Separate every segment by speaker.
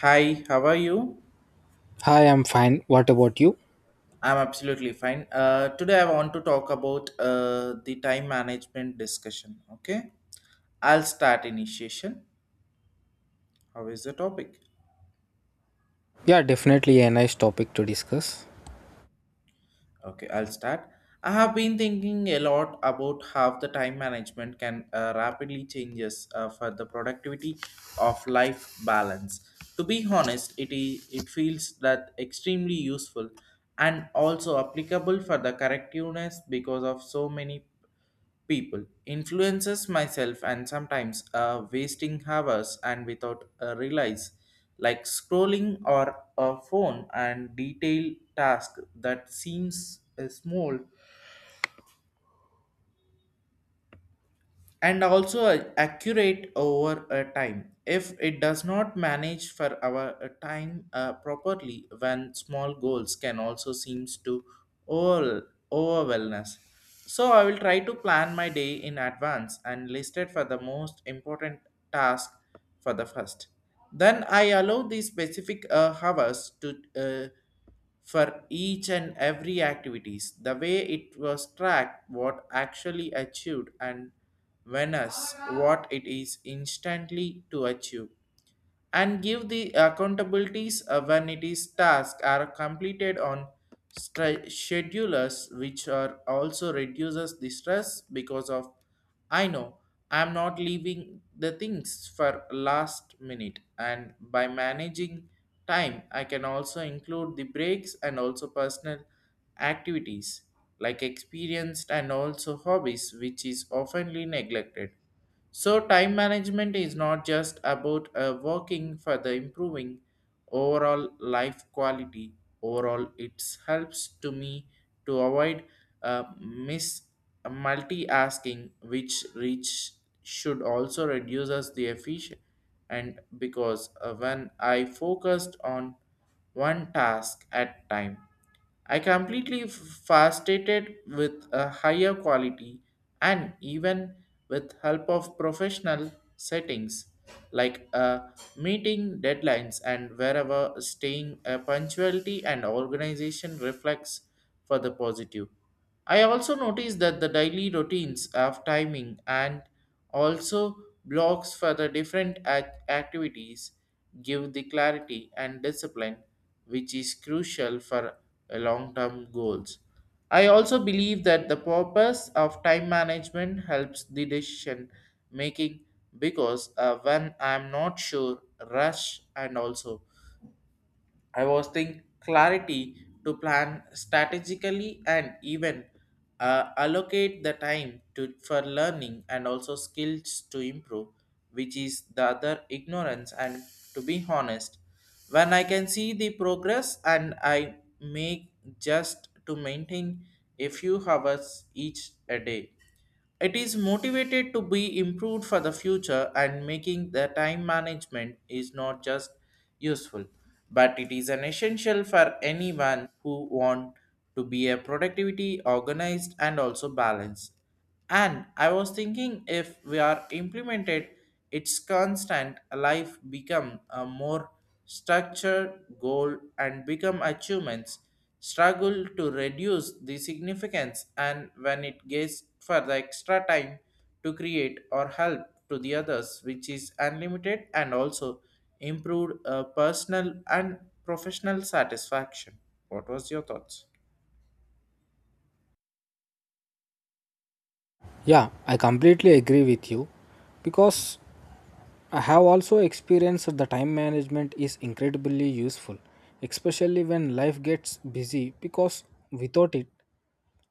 Speaker 1: Hi, how are you?
Speaker 2: Hi, I'm fine. What about you?
Speaker 1: I'm absolutely fine. Today I want to talk about the time management discussion. Okay, I'll start initiation. How is the topic?
Speaker 2: Yeah, definitely a nice topic to discuss.
Speaker 1: Okay, I'll start. I have been thinking a lot about how the time management can rapidly changes for the productivity of life balance. To be honest, it feels that extremely useful and also applicable for the correctiveness because of so many people influences myself and sometimes wasting hours and without a realize like scrolling or a phone and detailed task that seems small and also accurate over a time if it does not manage for our time properly when small goals can also seems to all overwhelmness. So I will try to plan my day in advance and list it for the most important task for the first. Then I allow these specific hours to for each and every activities the way it was tracked what actually achieved and when us what it is instantly to achieve and give the accountabilities when it is task are completed on schedulers which are also reduces the stress because of I know I'm not leaving the things for last minute. And by managing time I can also include the breaks and also personal activities like experienced and also hobbies which is oftenly neglected. So time management is not just about working for the improving overall life quality. Overall, it helps to me to avoid miss multi-asking, which reach should also reduces the efficient. And because when I focused on one task at time, I completely fascinated with a higher quality and even with help of professional settings like meeting deadlines and wherever staying punctuality and organization reflects for the positive. I also noticed that the daily routines of timing and also, blocks for the different activities give the clarity and discipline, which is crucial for long term goals. I also believe that the purpose of time management helps the decision making because when I'm not sure, rush and also I was think clarity to plan strategically and even allocate the time to for learning and also skills to improve, which is the other ignorance. And to be honest, when I can see the progress and I make just to maintain a few hours each a day, it is motivated to be improved for the future, and making the time management is not just useful, but it is an essential for anyone who want to be a productivity organized and also balanced. And I was thinking if we are implemented, its constant life become a more structured goal and become achievements struggle to reduce the significance, and when it gets for the extra time to create or help to the others which is unlimited and also improved personal and professional satisfaction. What was your thoughts?
Speaker 2: Yeah, I completely agree with you because I have also experienced that the time management is incredibly useful, especially when life gets busy because without it,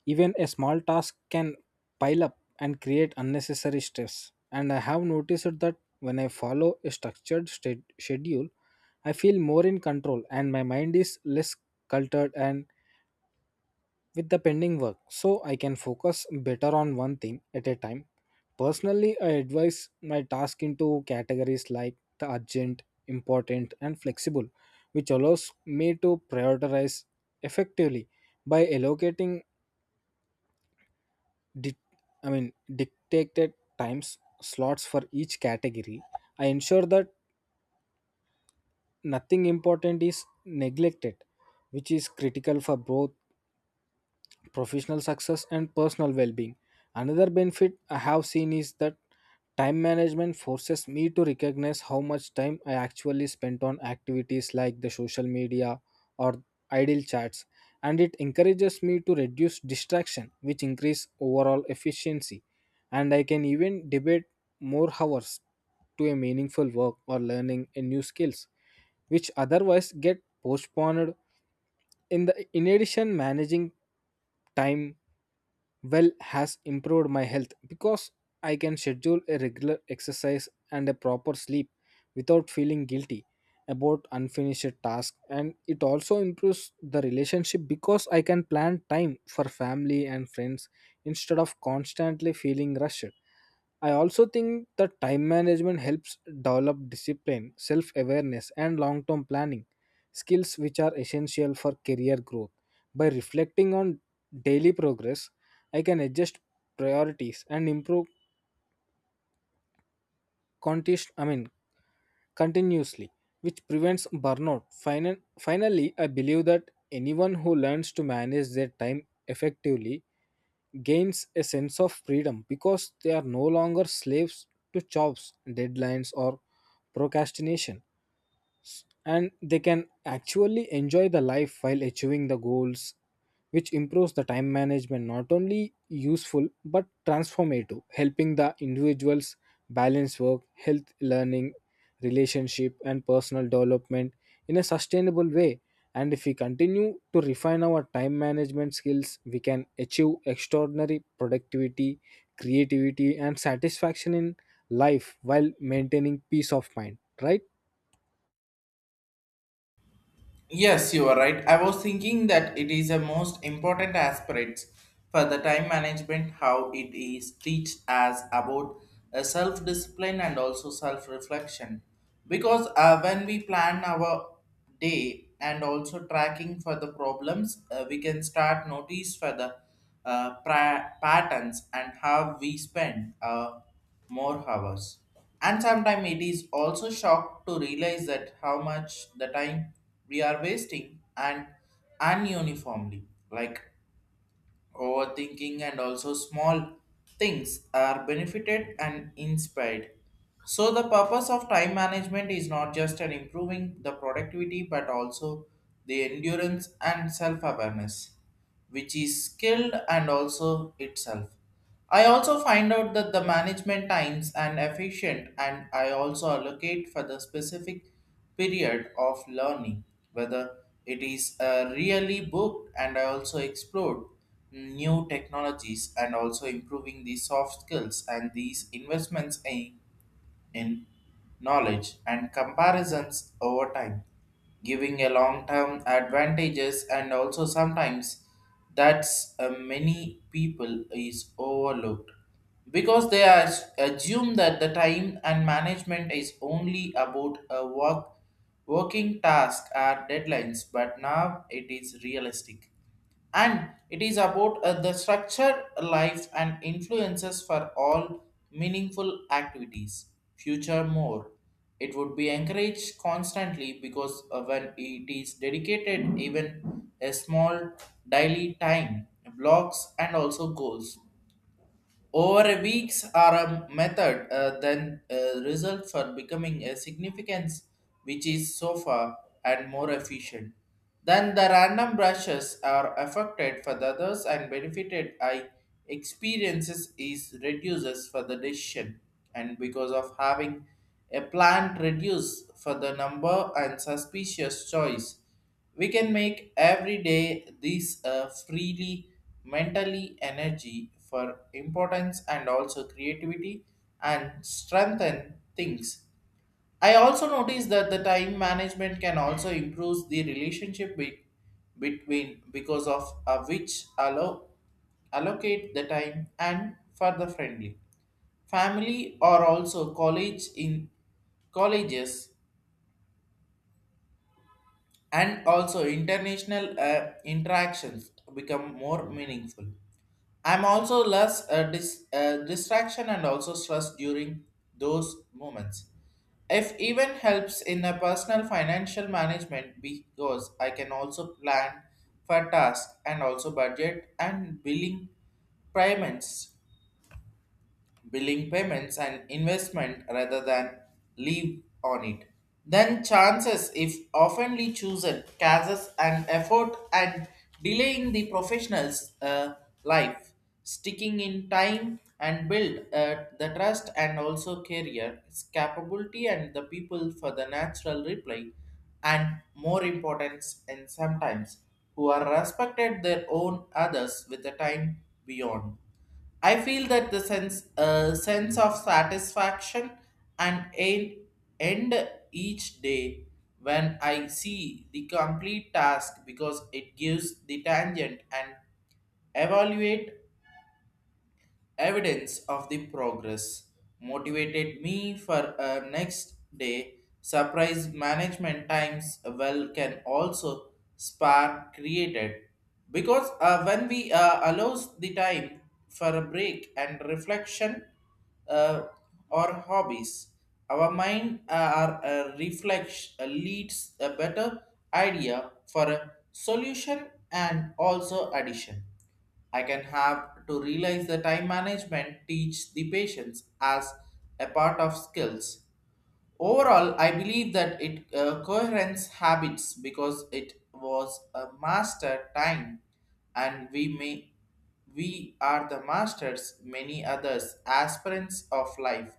Speaker 2: even a small task can pile up and create unnecessary stress. And I have noticed that when I follow a structured state schedule, I feel more in control and my mind is less cluttered and with the pending work so I can focus better on one thing at a time. Personally, I advise my task into categories like the urgent, important, and flexible, which allows me to prioritize effectively by allocating di- dictated times slots for each category. I ensure that nothing important is neglected, which is critical for both professional success and personal well-being. Another benefit I have seen is that time management forces me to recognize how much time I actually spent on activities like the social media or idle chats, and it encourages me to reduce distraction which increase overall efficiency, and I can even debate more hours to a meaningful work or learning a new skills which otherwise get postponed. In addition, managing time well has improved my health because I can schedule a regular exercise and a proper sleep without feeling guilty about unfinished tasks, and it also improves the relationship because I can plan time for family and friends instead of constantly feeling rushed. I also think that time management helps develop discipline, self awareness, and long term planning skills which are essential for career growth. By reflecting on daily progress, I can adjust priorities and improve contest, I mean, continuously, which prevents burnout. Finally, I believe that anyone who learns to manage their time effectively gains a sense of freedom because they are no longer slaves to jobs, deadlines, or procrastination, and they can actually enjoy the life while achieving the goals, which improves the time management not only useful but transformative, helping the individuals balance work, health, learning, relationship and personal development in a sustainable way. And if we continue to refine our time management skills, we can achieve extraordinary productivity, creativity and satisfaction in life while maintaining peace of mind, right?
Speaker 1: Yes, you are right. I was thinking that it is a most important aspect for the time management, how it is teach as about a self-discipline and also self-reflection. Because when we plan our day and also tracking for the problems, we can start notice for the patterns and how we spend more hours. And sometimes it is also shock to realize that how much the time we are wasting and ununiformly, like overthinking and also small things are benefited and inspired. So the purpose of time management is not just an improving the productivity but also the endurance and self-awareness, which is skilled and also itself. I also find out that the management times and efficient and I also allocate for the specific period of learning, whether it is really booked and I also explored new technologies and also improving the soft skills, and these investments in knowledge and comparisons over time, giving a long-term advantages and also sometimes that's many people is overlooked because they are assume that the time and management is only about a work working task or deadlines, but now it is realistic and it is about the structure life and influences for all meaningful activities. Future more, it would be encouraged constantly because when it is dedicated even a small daily time blocks and also goals over weeks are a method, then result for becoming a significance, which is so far and more efficient. Then the random brushes are affected for the others and benefited. I experiences is reduces for the decision, and because of having a plan reduce for the number and suspicious choice. We can make every day this freely mentally energy for importance and also creativity and strengthen things. I also noticed that the time management can also improve the relationship with, between because of which allow allocate the time and for the friendly family or also college in colleges and also international interactions become more meaningful. I'm also less distraction and also stress during those moments. If even helps in a personal financial management because I can also plan for tasks and also budget and billing payments, billing payments and investment rather than leave on it. Then chances if oftenly chosen causes an effort and delaying the professional's life, sticking in time and build the trust and also career, its capability and the people for the natural reply and more importance, and sometimes who are respected their own others with the time beyond. I feel that the sense of satisfaction and end each day when I see the complete task because it gives the tangent and evaluate evidence of the progress motivated me for a next day surprise management times well can also spark created because when we allows the time for a break and reflection, uh, or hobbies our mind our reflex leads a better idea for a solution and also addition. I can have to realize the time management teach the patients as a part of skills. Overall, I believe that it coherence habits because it was a master time, and we are the masters many others aspirants of life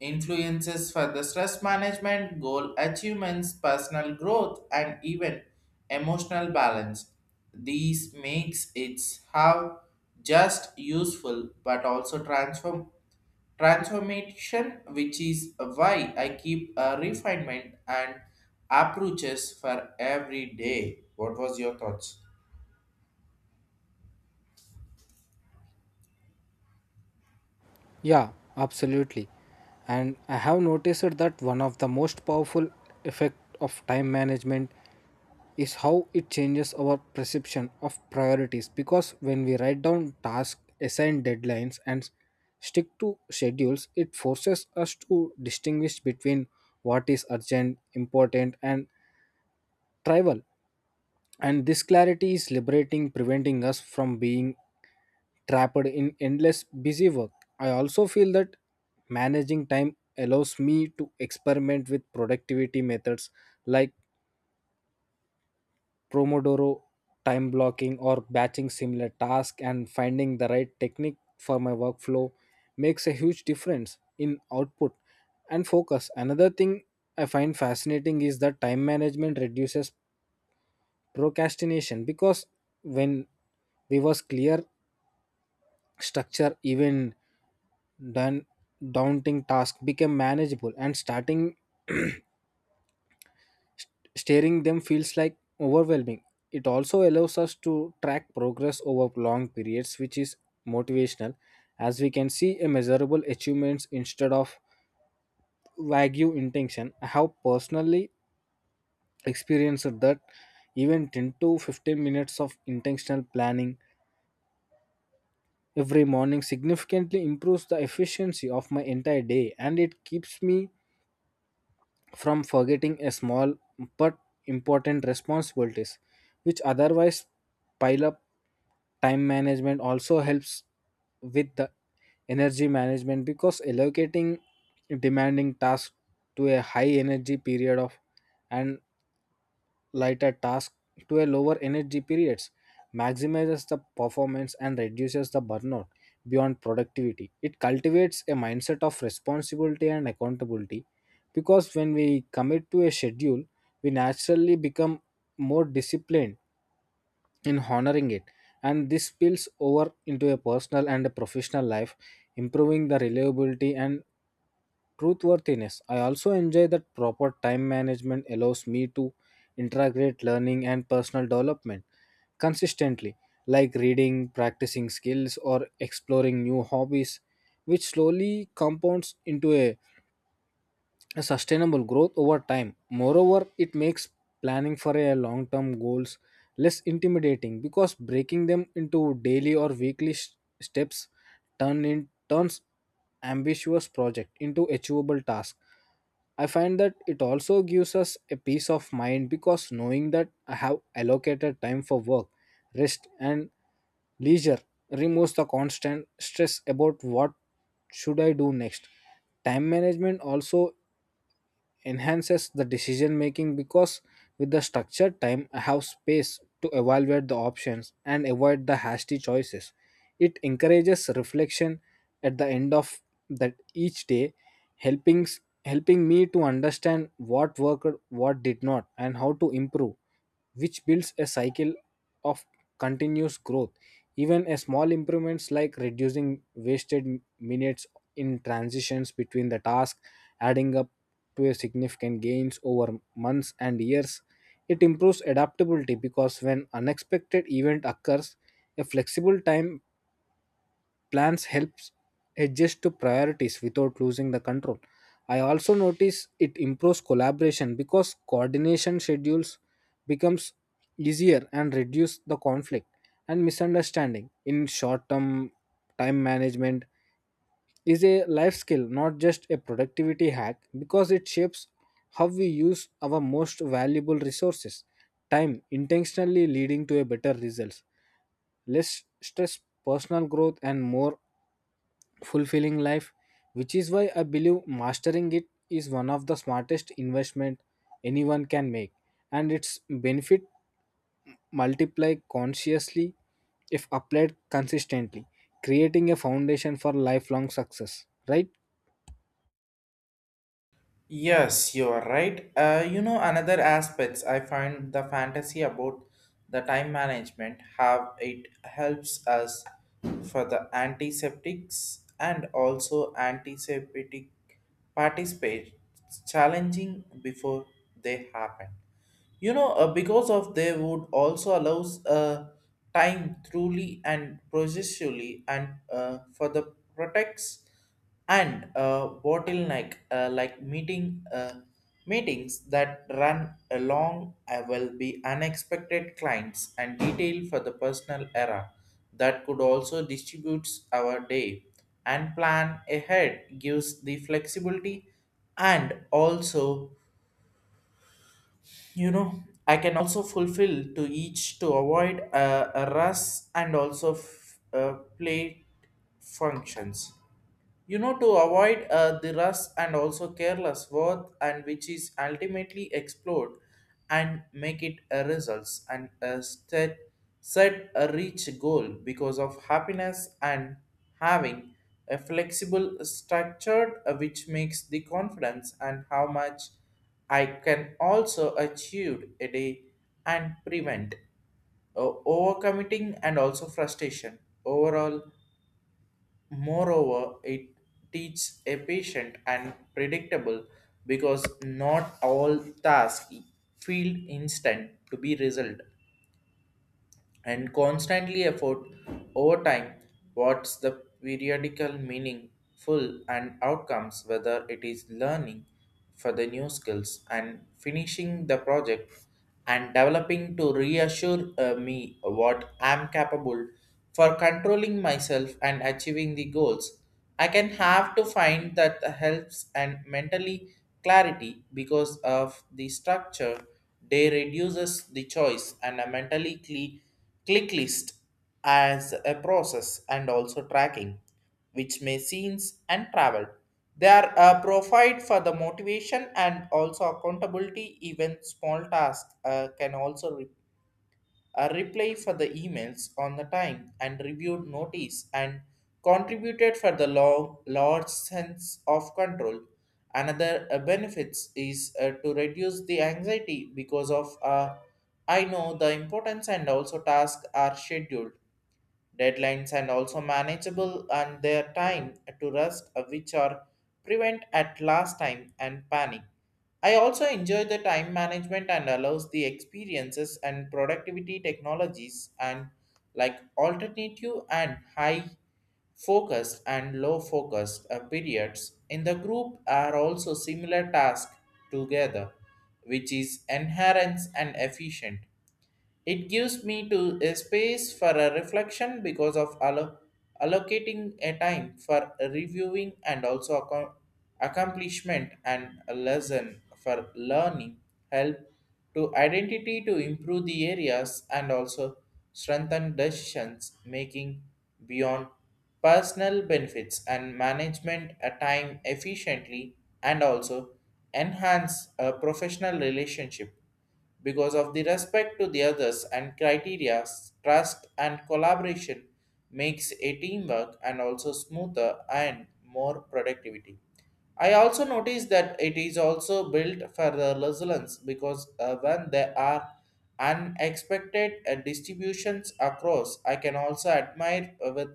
Speaker 1: influences for the stress management, goal achievements, personal growth, and even emotional balance. These makes its how just useful but also transformation, which is why I keep a refinement and approaches for every day. What was your thoughts?
Speaker 2: Yeah, absolutely. And I have noticed that one of the most powerful effect of time management is how it changes our perception of priorities, because when we write down tasks, assign deadlines and stick to schedules, it forces us to distinguish between what is urgent, important and trivial. And this clarity is liberating, preventing us from being trapped in endless busy work. I also feel that managing time allows me to experiment with productivity methods like Pomodoro, time blocking or batching similar tasks, and finding the right technique for my workflow makes a huge difference in output and focus. Another thing I find fascinating is that time management reduces procrastination, because when we was clear structure, even then daunting task became manageable and starting steering them feels like overwhelming. It also allows us to track progress over long periods, which is motivational, as we can see a measurable achievements instead of vague intention. I have personally experienced that even 10 to 15 minutes of intentional planning every morning significantly improves the efficiency of my entire day, and it keeps me from forgetting a small but important responsibilities which otherwise pile up. Time management also helps with the energy management because allocating demanding tasks to a high energy period, of and lighter tasks to a lower energy periods maximizes the performance and reduces the burnout. Beyond productivity, it cultivates a mindset of responsibility and accountability, because when we commit to a schedule, we naturally become more disciplined in honoring it, and this spills over into a personal and a professional life, improving the reliability and truthworthiness. I also enjoy that proper time management allows me to integrate learning and personal development consistently, like reading, practicing skills, or exploring new hobbies, which slowly compounds into a sustainable growth over time. Moreover, it makes planning for a long-term goals less intimidating, because breaking them into daily or weekly steps turns ambitious project into achievable task. I find that it also gives us a peace of mind because knowing that I have allocated time for work, rest, and leisure removes the constant stress about what should I do next. Time management also enhances the decision making, because with the structured time I have space to evaluate the options and avoid the hasty choices. It encourages reflection at the end of that each day, helping helping me to understand what worked, what did not, and how to improve, which builds a cycle of continuous growth. Even a small improvements, like reducing wasted minutes in transitions between the tasks, adding up to a significant gains over months and years. It improves adaptability, because when unexpected event occurs, a flexible time plans helps adjust to priorities without losing the control. I also notice it improves collaboration, because coordination schedules becomes easier and reduce the conflict and misunderstanding. In short term, time management is a life skill, not just a productivity hack, because it shapes how we use our most valuable resources, time, intentionally, leading to a better results, less stress, personal growth, and more fulfilling life. Which is why I believe mastering it is one of the smartest investment anyone can make, and its benefit multiply consciously if applied consistently, creating a foundation for lifelong success. Right?
Speaker 1: Yes, you are right. You know, another aspects I find the fantasy about the time management, how it helps us for the antiseptics and also antiseptic participate challenging before they happen, you know. Because of they would also allows time truly and processually and for the protects and bottleneck like meetings that run along will be unexpected clients and detail for the personal era that could also distributes our day, and plan ahead gives the flexibility and also, you know, I can also fulfill to each to avoid a rush and also play functions, you know, to avoid the rust and also careless worth, and which is ultimately explored and make it a results and a set a reach goal because of happiness, and having a flexible structure which makes the confidence and how much I can also achieve a day and prevent overcommitting and also frustration overall. Moreover, it teaches a patient and predictable because not all tasks feel instant to be resolved and constantly effort over time, what's the periodical meaningful and outcomes whether it is learning for the new skills and finishing the project and developing to reassure me what I'm capable for controlling myself and achieving the goals. I can have to find that helps and mentally clarity because of the structure they reduces the choice and a mentally clean click list as a process and also tracking which may scenes and travel, they are provide for the motivation and also accountability. Even small tasks can also a reply for the emails on the time and reviewed notice and contributed for the long, large sense of control. Another benefits is to reduce the anxiety because of I know the importance and also tasks are scheduled, deadlines and also manageable and their time to rest which are prevent at last time and panic. I also enjoy the time management and allows the experiences and productivity technologies, and like alternative and high focused and low focused periods in the group are also similar tasks together, which is inherent and efficient. It gives me to a space for a reflection because of allocating a time for reviewing and also accomplishment and a lesson for learning help to identity to improve the areas and also strengthen decisions making beyond personal benefits and management a time efficiently and also enhance a professional relationship because of the respect to the others and criteria trust and collaboration makes a teamwork and also smoother and more productivity. I also noticed that it is also built for the resilience because when there are unexpected distributions across I can also admire with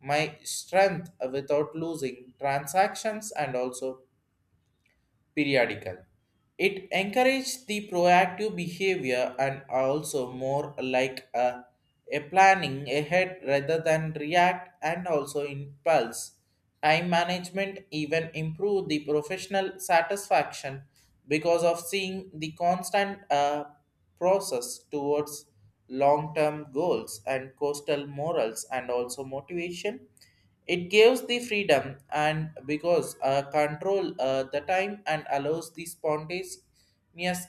Speaker 1: my strength without losing transactions and also periodical. It encourages the proactive behavior and also more like a planning ahead rather than react and also impulse. Time management even improve the professional satisfaction because of seeing the constant process towards long-term goals and coastal morals and also motivation. It gives the freedom and because control the time and allows the spontaneous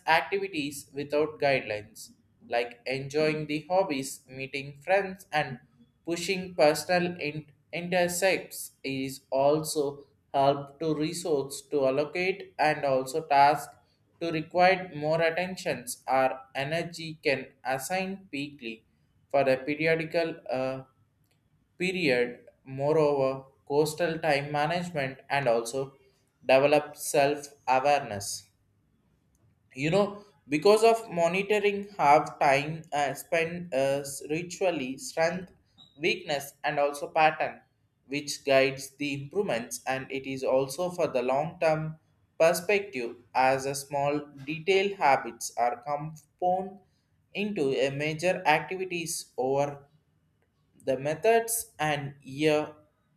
Speaker 1: activities without guidelines, like enjoying the hobbies, meeting friends, and pushing personal intersects is also help to resource to allocate, and also task to require more attentions or energy can assign peakly for a periodical period. Moreover, coastal time management and also develop self awareness. You know, because of monitoring, half time spent ritually, strength, weakness, and also pattern, which guides the improvements. And it is also for the long term perspective, as a small detailed habits are compound into a major activities over the methods and year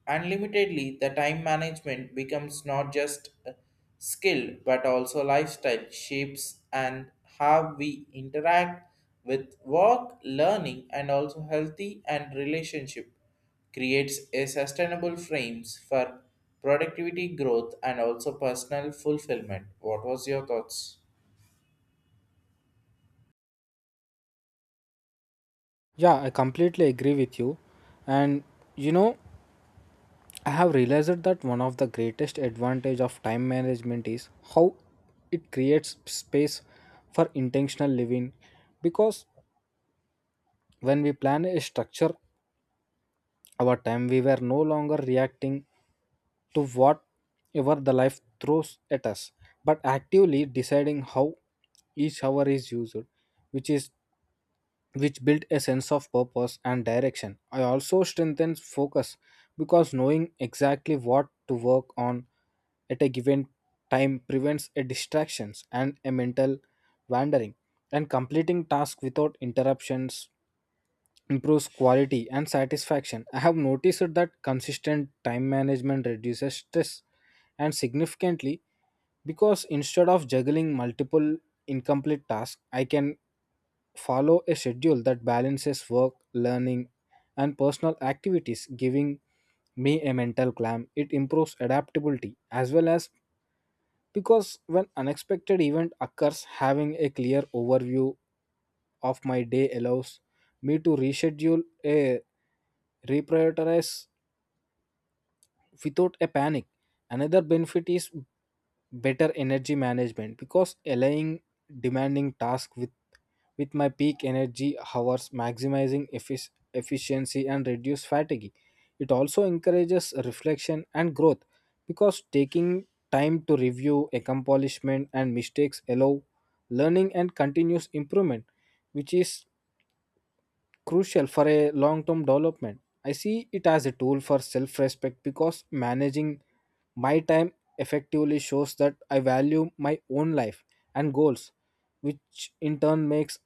Speaker 1: unlimitedly. The time management becomes not just a skill but also lifestyle shapes, and how we interact with work, learning and also healthy and relationship, creates a sustainable frames for productivity growth and also personal fulfillment. What was your thoughts?
Speaker 2: Yeah, I completely agree with you. And you know, I have realized that one of the greatest advantage of time management is how it creates space for intentional living, because when we plan a structure our time, we were no longer reacting to whatever the life throws at us, but actively deciding how each hour is used, which is which built a sense of purpose and direction. I also strengthened focus because knowing exactly what to work on at a given time prevents a distractions and a mental wandering, and completing tasks without interruptions improves quality and satisfaction. I have noticed that consistent time management reduces stress and significantly, because instead of juggling multiple incomplete tasks, I can follow a schedule that balances work, learning, and personal activities, giving me a mental calm. It improves adaptability as well, as because when unexpected event occurs, having a clear overview of my day allows me to reschedule a reprioritize without a panic. Another benefit is better energy management, because aligning demanding tasks with my peak energy hours maximizing efficiency and reduce fatigue. It also encourages reflection and growth, because taking time to review accomplishment and mistakes allow learning and continuous improvement, which is crucial for a long term development. I see it as a tool for self respect, because managing my time effectively shows that I value my own life and goals, which in turn makes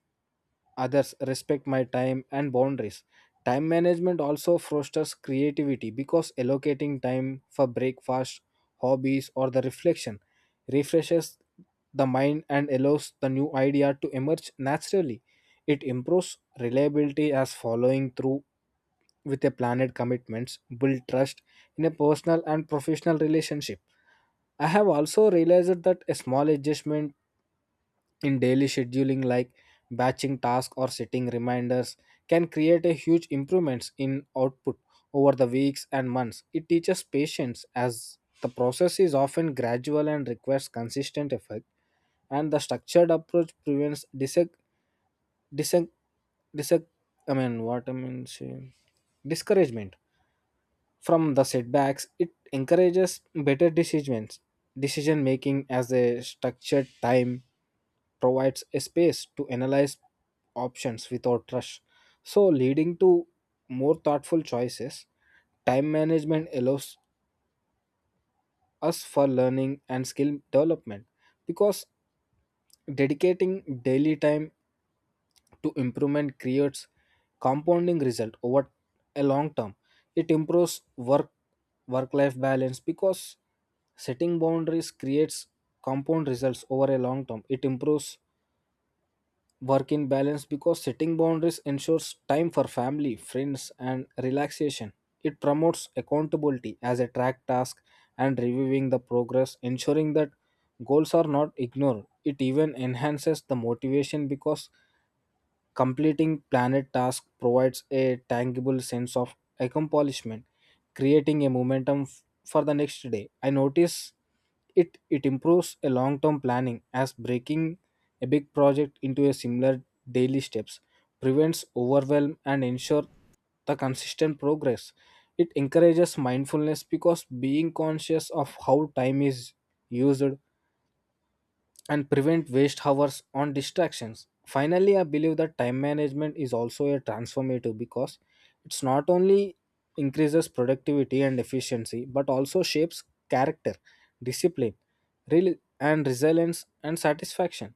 Speaker 2: others respect my time and boundaries. Time management also fosters creativity, because allocating time for breakfast, hobbies, or the reflection refreshes the mind and allows the new idea to emerge naturally. It improves reliability as following through with a planned commitments build trust in a personal and professional relationship. I have also realized that a small adjustment in daily scheduling, like batching tasks or setting reminders, can create a huge improvements in output over the weeks and months. It teaches patience as the process is often gradual and requires consistent effort, and the structured approach prevents disag- Disag- disag- I mean, what I mean, say, discouragement from the setbacks. It encourages decision making, as a structured time provides a space to analyze options without rush, so leading to more thoughtful choices. Time management allows us for learning and skill development because dedicating daily time to improvement creates compounding result over a long term. It improves work work life balance because setting boundaries creates compound results over a long term. It improves work in balance because setting boundaries ensures time for family, friends and relaxation. It promotes accountability as a track task and reviewing the progress ensuring that goals are not ignored. It even enhances the motivation, because completing planet task provides a tangible sense of accomplishment, creating a momentum for the next day. I notice it improves a long-term planning, as breaking a big project into a similar daily steps prevents overwhelm and ensure the consistent progress. It encourages mindfulness because being conscious of how time is used and prevent waste hours on distractions. Finally, I believe that time management is also a transformative, because it's not only increases productivity and efficiency but also shapes character, discipline, rel- and resilience and satisfaction,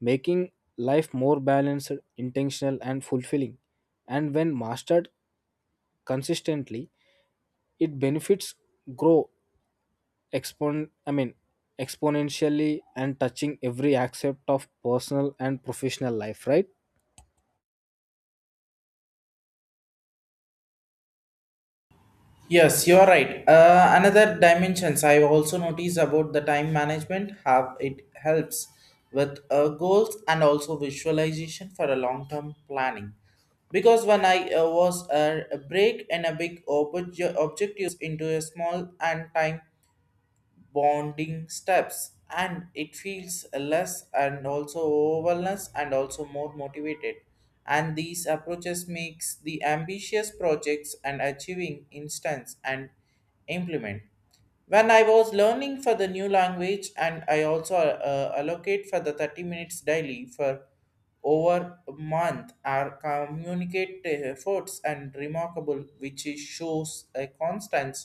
Speaker 2: making life more balanced, intentional, and fulfilling. And when mastered consistently, it benefits grow expon I mean exponentially, and touching every aspect of personal and professional life, right?
Speaker 1: Yes, you are right. Another dimensions I also notice about the time management have it helps with goals and also visualization for a long term planning. Because when I was a break and a big objectives into a small and time bonding steps, and it feels less and also overwhelmed and also more motivated, and these approaches makes the ambitious projects and achieving instance and implement when I was learning for the new language, and I also allocate for the 30 minutes daily for over a month are communicate efforts and remarkable, which is shows a constant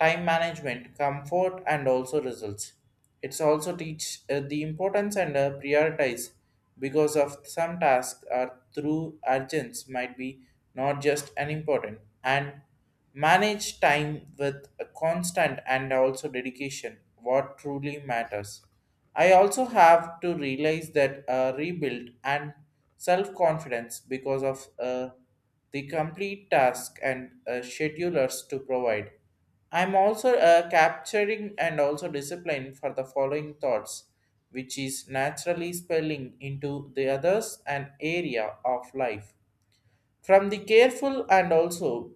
Speaker 1: time management, comfort, and also results. It's also teach the importance and prioritize because of some tasks are through urgence might be not just unimportant, and manage time with a constant and also dedication what truly matters. I also have to realize that rebuild and self confidence because of the complete task and schedulers to provide. I'm also capturing and also discipline for the following thoughts, which is naturally spilling into the others and area of life. From the careful and also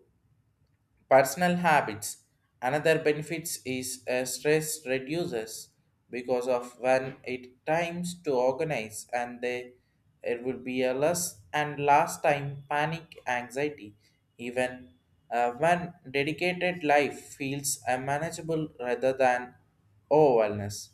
Speaker 1: personal habits. Another benefits is stress reduces because of when it times to organize and they, it would be a less and last time panic anxiety even when dedicated life feels unmanageable rather than overwhelmness.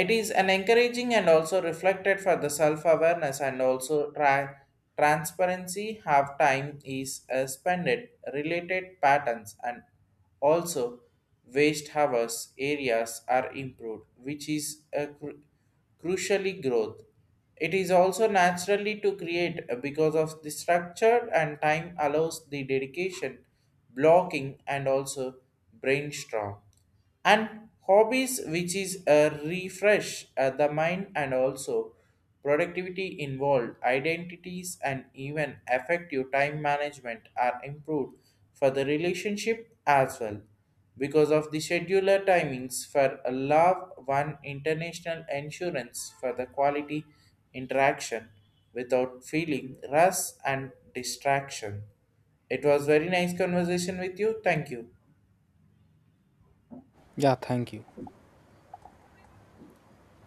Speaker 1: It is an encouraging and also reflected for the self-awareness and also transparency. Half time is spent at related patterns and also waste hours areas are improved, which is a crucially growth. It is also naturally to create because of the structure and time allows the dedication, blocking and also brainstorm and hobbies, which is a refresh the mind and also productivity involved identities. And even effective time management are improved for the relationship as well, because of the scheduler timings for a love one international insurance for the quality interaction without feeling rush and distraction. It was very nice conversation with you. Thank you.
Speaker 2: Yeah, thank you.